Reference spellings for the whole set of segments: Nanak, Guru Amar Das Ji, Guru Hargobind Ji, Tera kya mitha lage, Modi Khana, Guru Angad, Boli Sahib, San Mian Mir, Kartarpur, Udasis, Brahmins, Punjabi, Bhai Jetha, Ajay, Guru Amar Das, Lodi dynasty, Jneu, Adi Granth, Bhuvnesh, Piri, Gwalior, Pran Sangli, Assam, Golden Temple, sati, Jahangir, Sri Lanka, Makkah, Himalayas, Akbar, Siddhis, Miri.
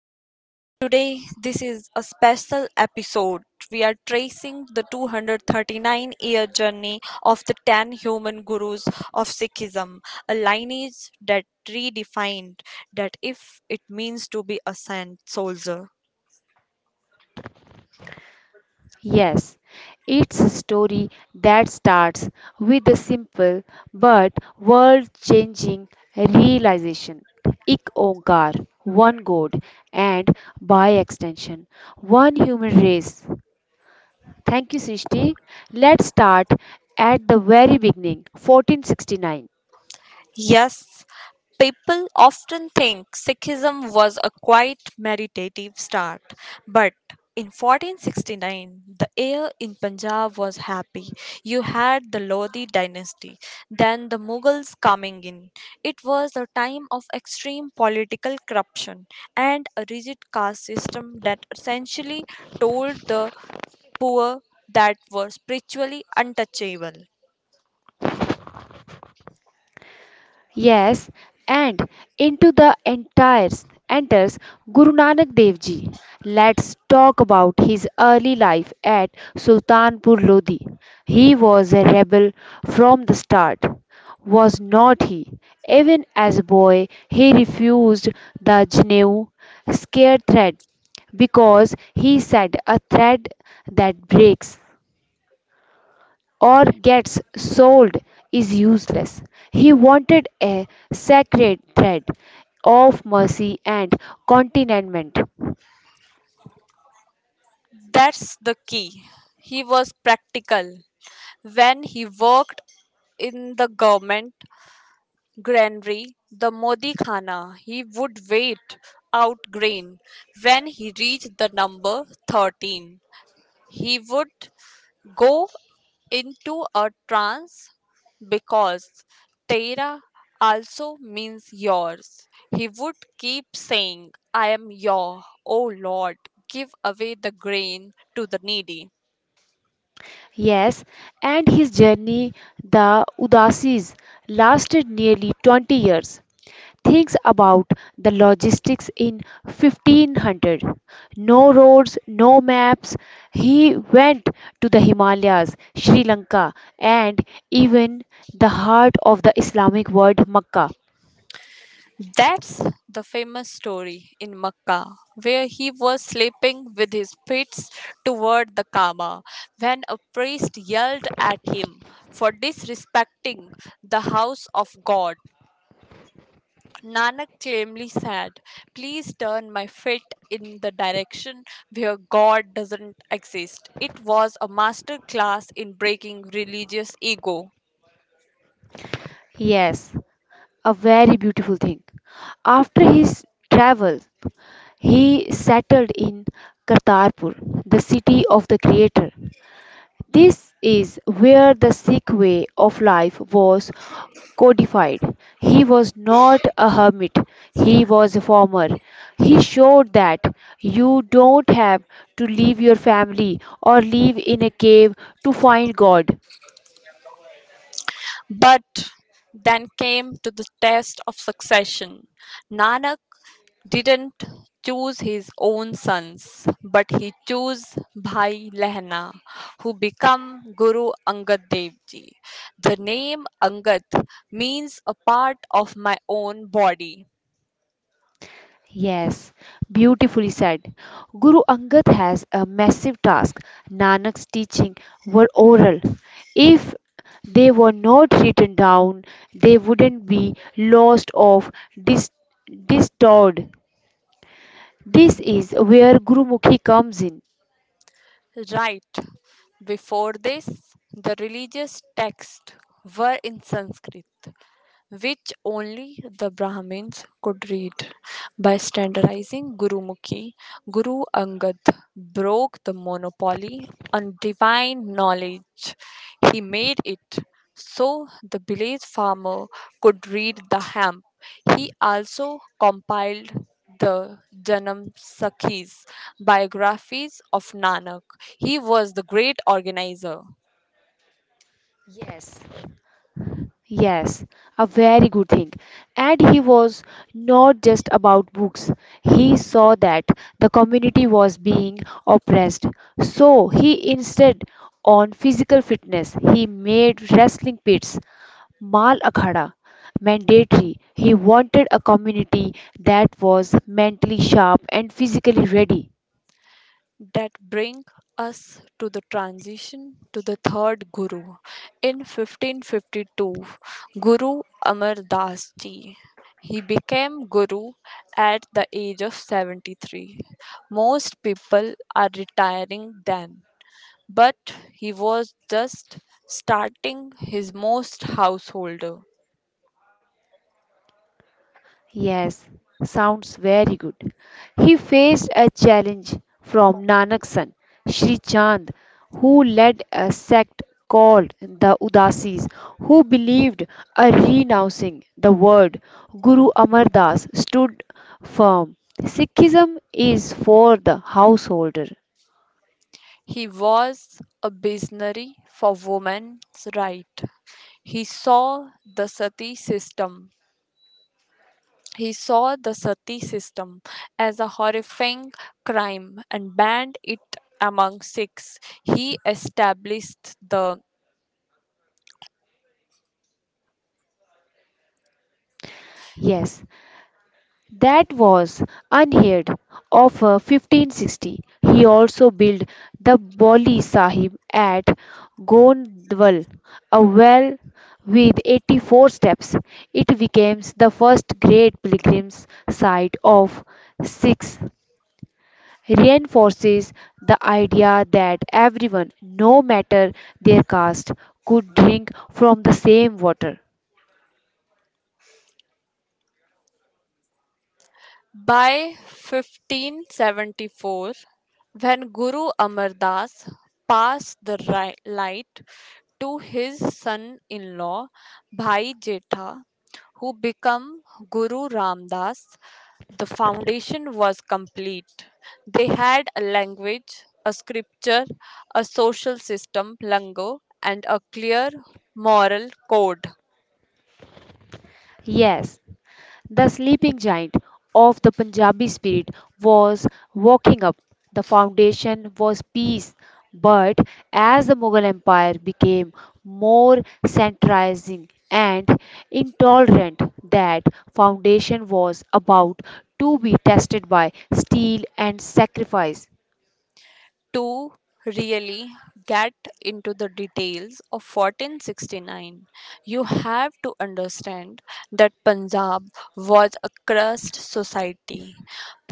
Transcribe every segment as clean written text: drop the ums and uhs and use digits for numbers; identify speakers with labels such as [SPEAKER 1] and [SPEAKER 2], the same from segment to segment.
[SPEAKER 1] Back. Today, this is a special episode. We are tracing the 239-year journey of the 10 human gurus of Sikhism, a lineage that redefined that if it means to be a saint soldier.
[SPEAKER 2] Yes, it's a story that starts with a simple but world changing realization. Ik Onkar, one God, and by extension, one human race. Thank you, Srishti. Let's start at the very beginning, 1469.
[SPEAKER 1] Yes, people often think Sikhism was a quite meditative start, but in 1469, the air in Punjab was happy. You had the Lodi dynasty, then the Mughals coming in. It was a time of extreme political corruption and a rigid caste system that essentially told the poor that were spiritually untouchable.
[SPEAKER 2] Yes, and into the entires enters Guru Nanak Dev Ji. Let's talk about his early life at Sultanpur Lodi. He was a rebel from the start, was not he? Even as a boy, he refused the Jneu scare thread because he said a thread that breaks or gets sold is useless. He wanted a sacred thread of mercy and contentment.
[SPEAKER 1] That's the key. He was practical. When he worked in the government granary, the Modi Khana, he would wait out grain. When he reached the number 13, he would go into a trance because Tera also means yours. He would keep saying, I am your, O Lord, give away the grain to the needy.
[SPEAKER 2] Yes, and his journey, the Udasis, lasted nearly 20 years. Thinks about the logistics in 1500. No roads, no maps. He went to the Himalayas, Sri Lanka, and even the heart of the Islamic world, Mecca.
[SPEAKER 1] That's the famous story in Makkah, where he was sleeping with his feet toward the Kaaba when a priest yelled at him for disrespecting the house of God. Nanak calmly said, Please turn my feet in the direction where God doesn't exist. It was a master class in breaking religious ego.
[SPEAKER 2] Yes, a very beautiful thing. After his travels, he settled in Kartarpur, the city of the Creator. This is where the Sikh way of life was codified. He was not a hermit, he was a farmer. He showed that you don't have to leave your family or live in a cave to find God.
[SPEAKER 1] But then came to the test of succession. Nanak didn't choose his own sons, but he chose Bhai Lehna, who became Guru Angad Dev Ji. The name Angad means a part of my own body.
[SPEAKER 2] Yes, beautifully said. Guru Angad has a massive task. Nanak's teaching were oral. If they were not written down, they wouldn't be lost or dis- distorted. This is where Gurumukhi comes in.
[SPEAKER 1] Right before this, the religious texts were in Sanskrit, which only the Brahmins could read. By standardizing Gurumukhi, Guru Angad broke the monopoly on divine knowledge. He made it so the village farmer could read the hymn. He also compiled the Janam Sakhis, biographies of Nanak. He was the great organizer.
[SPEAKER 2] Yes, Yes, a very good thing. And he was not just about books. He saw that the community was being oppressed. So he insisted on physical fitness. He made wrestling pits, mal akhada, mandatory. He wanted a community that was mentally sharp and physically ready.
[SPEAKER 1] That bring us to the transition to the third guru in 1552, Guru Amar Das Ji. He became guru at the age of 73. Most people are retiring then, but he was just starting his most householder.
[SPEAKER 2] Yes, sounds very good. He faced a challenge from Nanak's son, Sri Chand, who led a sect called the Udasis, who believed a renouncing the word. Guru Amar Das stood firm. Sikhism is for the householder.
[SPEAKER 1] He was a visionary for women's right. he saw the sati system He saw the sati system as a horrifying crime and banned it among Sikhs. He established the
[SPEAKER 2] Yes, that was unheard of for 1560. He also built the Boli Sahib at Gondwal, a well with 84 steps. It became the first great pilgrim's site of Sikhs, reinforces the idea that everyone, no matter their caste, could drink from the same water.
[SPEAKER 1] by 1574 when Guru Amar Das passed the light to his son-in-law Bhai Jetha, who became Guru Ramdas. The foundation was complete. They had a language, a scripture, a social system, lango, and a clear moral code.
[SPEAKER 2] Yes, the sleeping giant of the Punjabi spirit was waking up. The foundation was peace, but as the Mughal Empire became more centralizing and intolerant, that foundation was about to be tested by steel and sacrifice.
[SPEAKER 1] To really get into the details of 1469, you have to understand that Punjab was a crust society.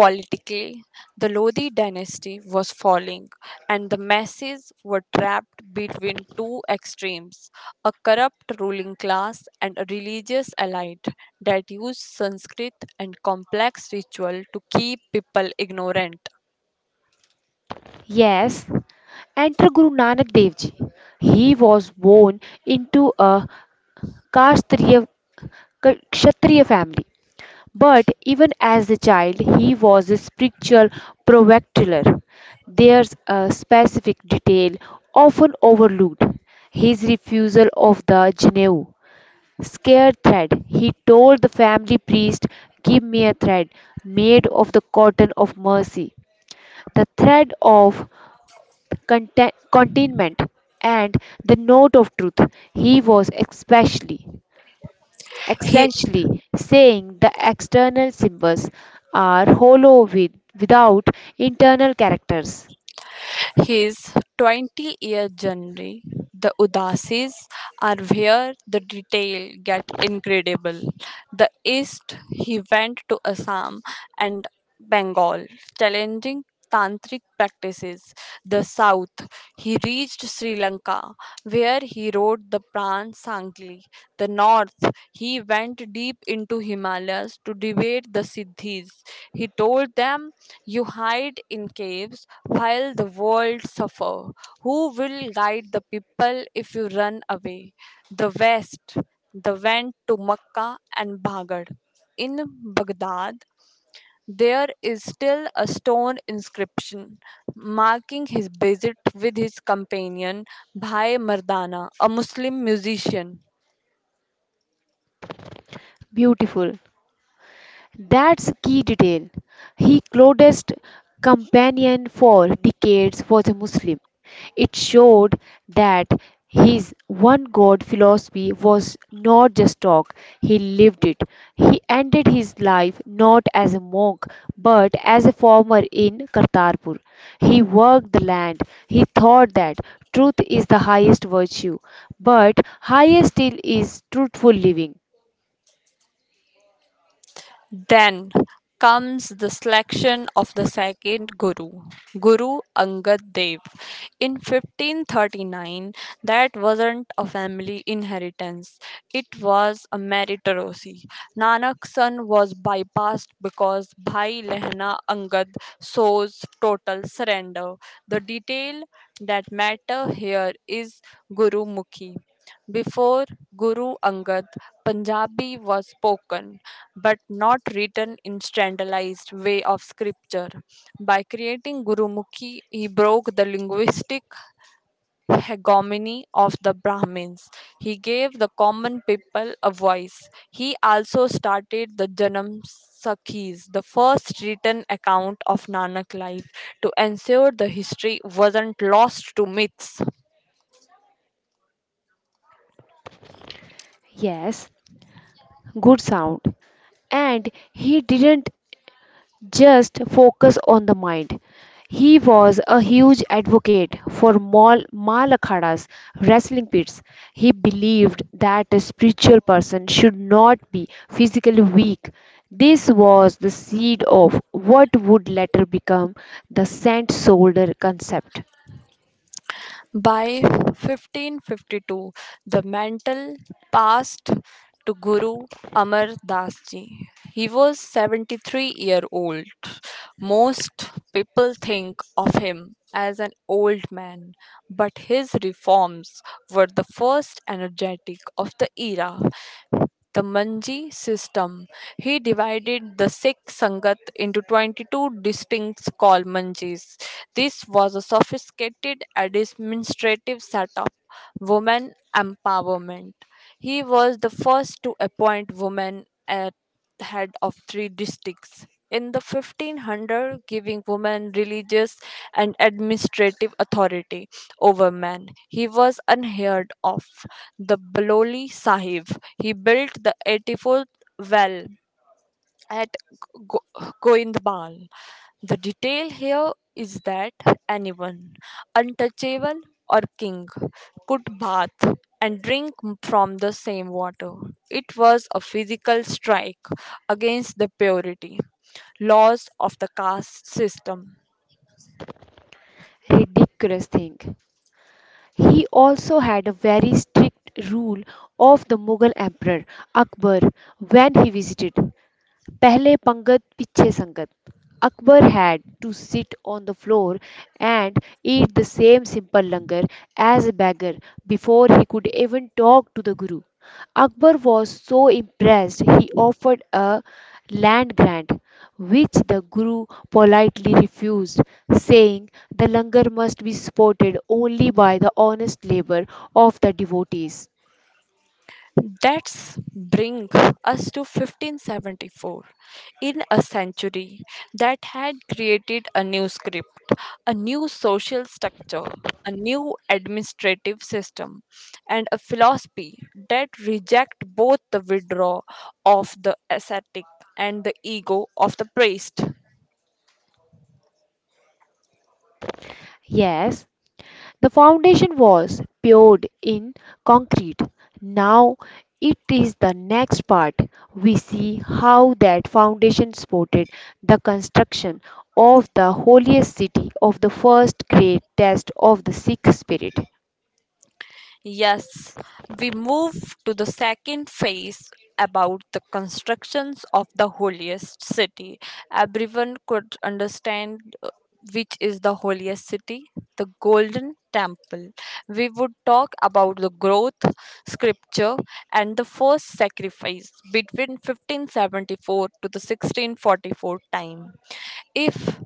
[SPEAKER 1] Politically, the Lodi dynasty was falling and the masses were trapped between two extremes: a corrupt ruling class and a religious elite that used Sanskrit and complex ritual to keep people ignorant.
[SPEAKER 2] Yes, enter Guru Nanak Dev Ji. He was born into a Kashtriya Kshatriya family. But even as a child, he was a spiritual provocateur. There's a specific detail often overlooked his refusal of the Geneva scare thread. He told the family priest, give me a thread made of the cotton of mercy, the thread of contentment, and the note of truth. He was especially
[SPEAKER 1] He
[SPEAKER 2] essentially saying the external symbols are hollow with, without internal characters.
[SPEAKER 1] His 20 year journey, the Udasis, are where the detail get incredible. The East, he went to Assam and Bengal, challenging tantric practices. The South, he reached Sri Lanka, where he wrote the Pran Sangli. The North, he went deep into Himalayas to debate the Siddhis. He told them you hide in caves while the world suffer. Who will guide the people if you run away? The West, the went to Makkah and Baghdad. In Baghdad, there is still a stone inscription marking his visit with his companion Bhai Mardana, a Muslim musician.
[SPEAKER 2] Beautiful. That's a key detail. He closest companion for decades was a Muslim. It showed that his one God philosophy was not just talk, he lived it. He ended his life not as a monk but as a farmer in Kartarpur. He worked the land. He thought that truth is the highest virtue, but higher still is truthful living.
[SPEAKER 1] Then comes the selection of the second guru, Guru Angad Dev. In 1539, that wasn't a family inheritance, it was a meritocracy. Nanak's son was bypassed because Bhai Lehna Angad shows total surrender. The detail that matter here is Guru Mukhi. Before Guru Angad, Punjabi was spoken but not written in standardized way of scripture. By creating Gurumukhi, he broke the linguistic hegemony of the Brahmins. He gave the common people a voice. He also started the Janam Sakhis, the first written account of Nanak life, to ensure the history wasn't lost to myths.
[SPEAKER 2] Yes, good sound. And he didn't just focus on the mind. He was a huge advocate for Malakhada's wrestling pits. He believed that a spiritual person should not be physically weak. This was the seed of what would later become the saint soldier concept.
[SPEAKER 1] By 1552, the mantle passed to Guru Amar Das Ji. He was 73-year-old. Most people think of him as an old man, but his reforms were the first energetic of the era. The Manji system. He divided the Sikh Sangat into 22 distinct called Manjis. This was a sophisticated administrative setup, women empowerment. He was the first to appoint women at the head of three districts. In the 1500, giving women religious and administrative authority over men. He was unheard of. The Baloli Sahib. He built the 84th well at Goindbal. The detail here is that anyone, untouchable or king, could bath and drink from the same water. It was a physical strike against the purity laws of the caste system.
[SPEAKER 2] Ridiculous thing. He also had a very strict rule of the Mughal emperor Akbar when he visited. Pehle Pangat Piche Sangat. Akbar had to sit on the floor and eat the same simple langar as a beggar before he could even talk to the Guru. Akbar was so impressed he offered a land grant, which the Guru politely refused, saying the langar must be supported only by the honest labor of the devotees.
[SPEAKER 1] That's bring us to 1574, in a century that had created a new script, a new social structure, a new administrative system, and a philosophy that reject both the withdrawal of the ascetic and the ego of the priest.
[SPEAKER 2] Yes, the foundation was poured in concrete. Now it is the next part. We see how that foundation supported the construction of the holiest city of the first great test of the Sikh spirit.
[SPEAKER 1] Yes, we move to the second phase about the constructions of the holiest city. Everyone could understand which is the holiest city, the Golden Temple. We would talk about the growth, scripture, and the first sacrifice between 1574 to the 1644 time. If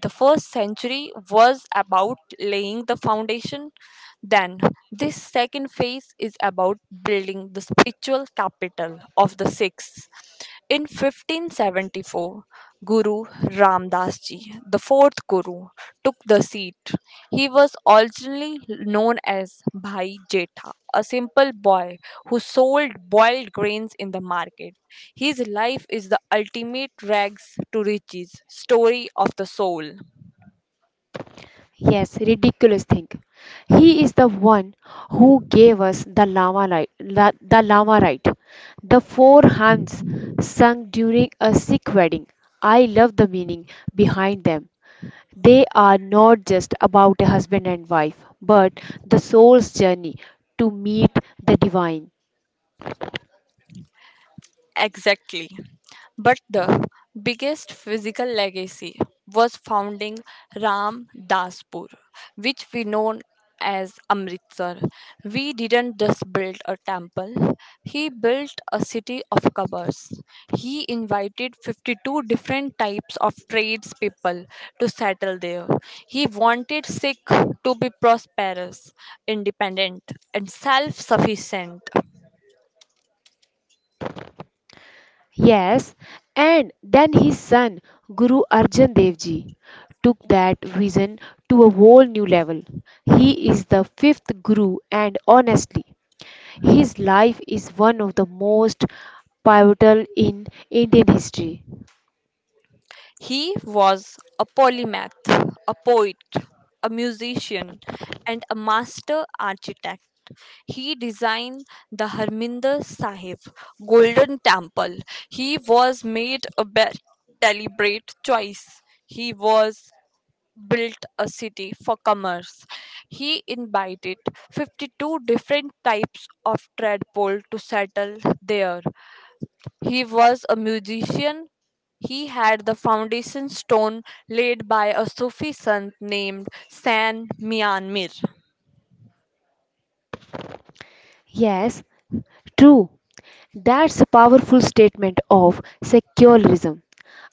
[SPEAKER 1] the first century was about laying the foundation. Then, this second phase is about building the spiritual capital of the Sikhs. In 1574, Guru Ramdas Ji, the fourth Guru, took the seat. He was originally known as Bhai Jetha, a simple boy who sold boiled grains in the market. His life is the ultimate rags to riches story of the soul.
[SPEAKER 2] Yes, ridiculous thing. He is the one who gave us the Lama light, la, the Lama right. The four hymns sung during a Sikh wedding. I love the meaning behind them. They are not just about a husband and wife, but the soul's journey to meet the divine.
[SPEAKER 1] Exactly. But the biggest physical legacy was founding Ram Daspur, which we know as Amritsar. We didn't just build a temple, he built a city of covers. He invited 52 different types of tradespeople to settle there. He wanted Sikh to be prosperous, independent, and self sufficient.
[SPEAKER 2] Yes, and then his son, Guru Arjan Dev Ji, took that vision to a whole new level. He is the fifth Guru, and honestly, his life is one of the most pivotal in Indian history.
[SPEAKER 1] He was a polymath, a poet, a musician, and a master architect. He designed the Harminder Sahib Golden Temple. He was made a deliberate choice. He was built a city for commerce. He invited 52 different types of tradepole to settle there. He was a musician. He had the foundation stone laid by a Sufi saint named San Mian Mir.
[SPEAKER 2] Yes, true. That's a powerful statement of secularism.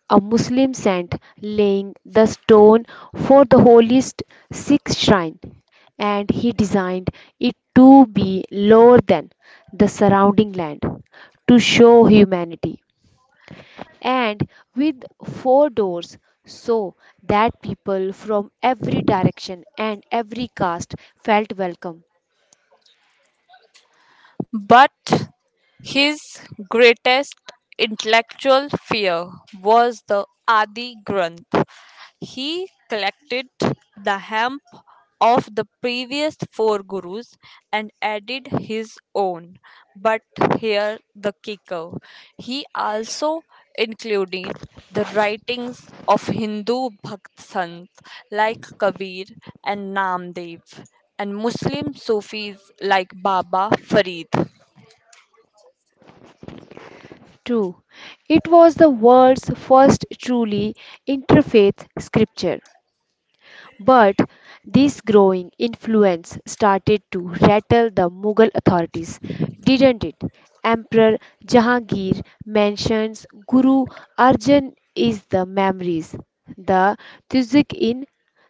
[SPEAKER 2] A Muslim saint, laying the stone for the holiest Sikh shrine, and he designed it to be lower than the surrounding land to show humanity and with four doors so that people from every direction and every caste felt welcome.
[SPEAKER 1] But his greatest intellectual fear was the Adi Granth. He collected the hemp of the previous four gurus and added his own. But here the kicker. He also included the writings of Hindu Bhakt Sants like Kabir and Namdev and Muslim Sufis like Baba Farid.
[SPEAKER 2] True, it was the world's first truly interfaith scripture. But this growing influence started to rattle the Mughal authorities, didn't it? Emperor Jahangir mentions Guru Arjan is the memories, the Tuzik in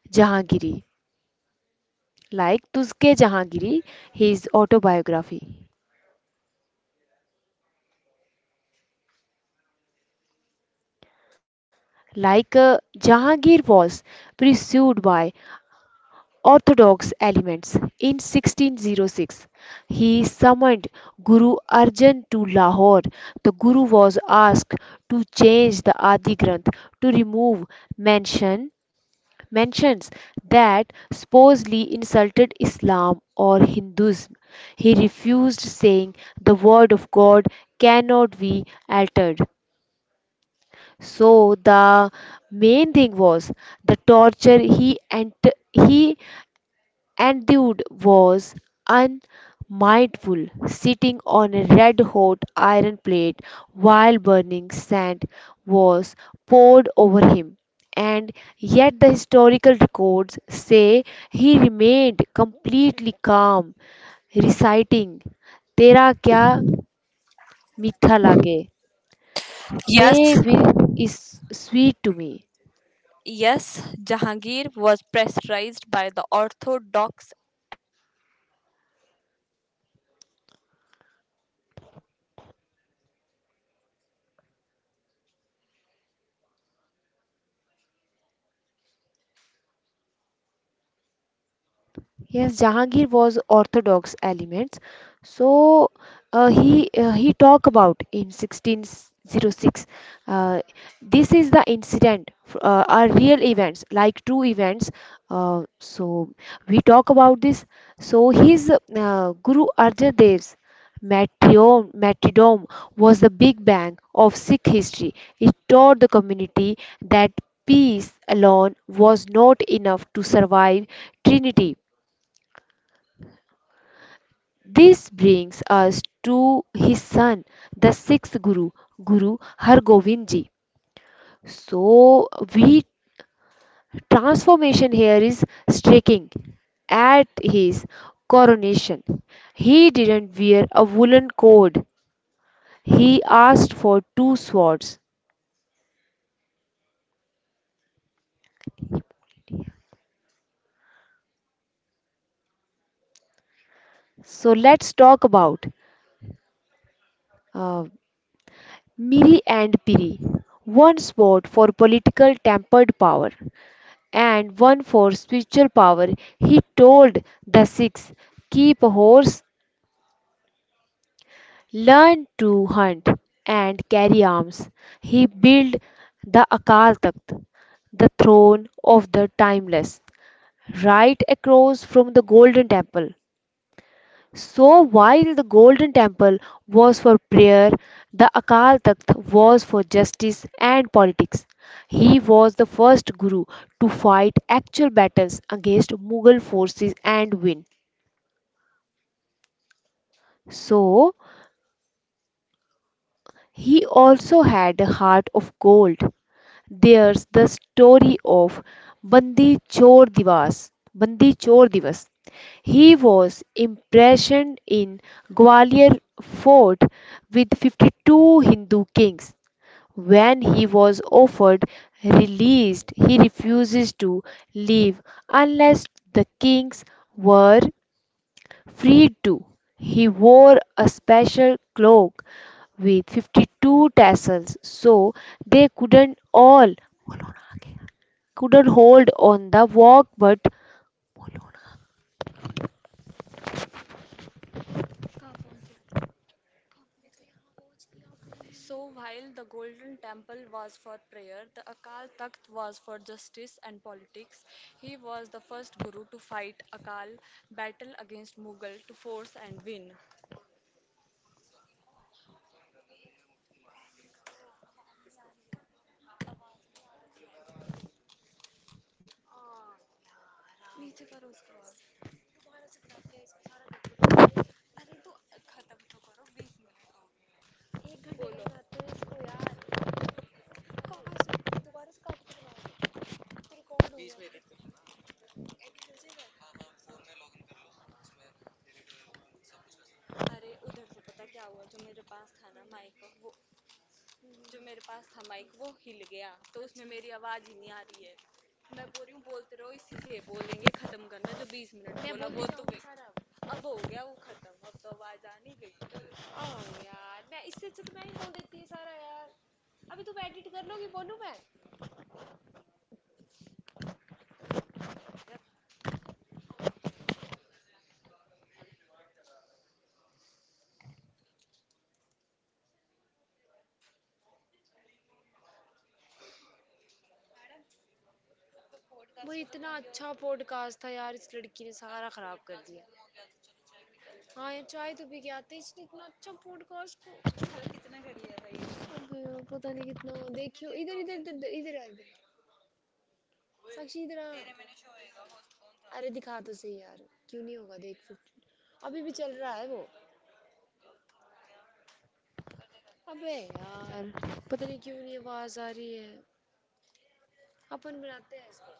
[SPEAKER 2] Jahangiri, like Tuzke Jahangiri, his autobiography. Like Jahangir was pursued by orthodox elements. In 1606, he summoned Guru Arjan to Lahore. The Guru was asked to change the Adi Granth to remove mention mentions that supposedly insulted Islam or Hinduism. He refused, saying, the word of God cannot be altered. So the main thing was the torture he and dude was unmindful, sitting on a red hot iron plate while burning sand was poured over him. And yet, the historical records say he remained completely calm, reciting, Tera kya mitha lage,
[SPEAKER 1] Yes,
[SPEAKER 2] they will is sweet to me.
[SPEAKER 1] Yes, Jahangir was pressurized by the orthodox
[SPEAKER 2] Yes, Jahangir was orthodox elements. So he talked about in 1606. Uh, this is the incident, are real events like true events. So we talk about this. So his Guru Arjan Dev's martyrdom was the big bang of Sikh history. It taught the community that peace alone was not enough to survive Trinity. This brings us to his son, the sixth Guru, Guru Hargobind Ji. So, we transformation here is striking. At his coronation, he didn't wear a woolen coat. He asked for two swords. So let's talk about uh, Miri and Piri, one sword for political tempered power, and one for spiritual power. He told the Sikhs, keep a horse, learn to hunt, and carry arms. He built the Akal Takht, the throne of the timeless, right across from the Golden Temple. So while the Golden Temple was for prayer, the Akal Takht was for justice and politics. He was the first guru to fight actual battles against Mughal forces and win. So he also had a heart of gold. There's the story of Bandi Chor Divas. Bandi Chor Divas. He was imprisoned in Gwalior fort with 52 Hindu kings. When he was offered release, he refuses to leave unless the kings were freed too. He wore a special cloak with 52 tassels so they couldn't hold on the walk, but वो इतना अच्छा podcast था यार इस लड़की ने सारा खराब कर दिया। हाँ यार, चाय तो भी गया था इसने इतना अच्छा पॉडकास्ट को। गयो पता नहीं कितना देखियो इधर इधर इधर इधर इधर आ इधर। साक्षी इधर आ। अरे दिखा तो सही यार। क्यों नहीं होगा, देख फिफ्टी। अभी भी चल रहा है वो। अबे यार, पता नहीं क्यों नहीं आवाज आ रही है। अपन बनाते हैं इसको।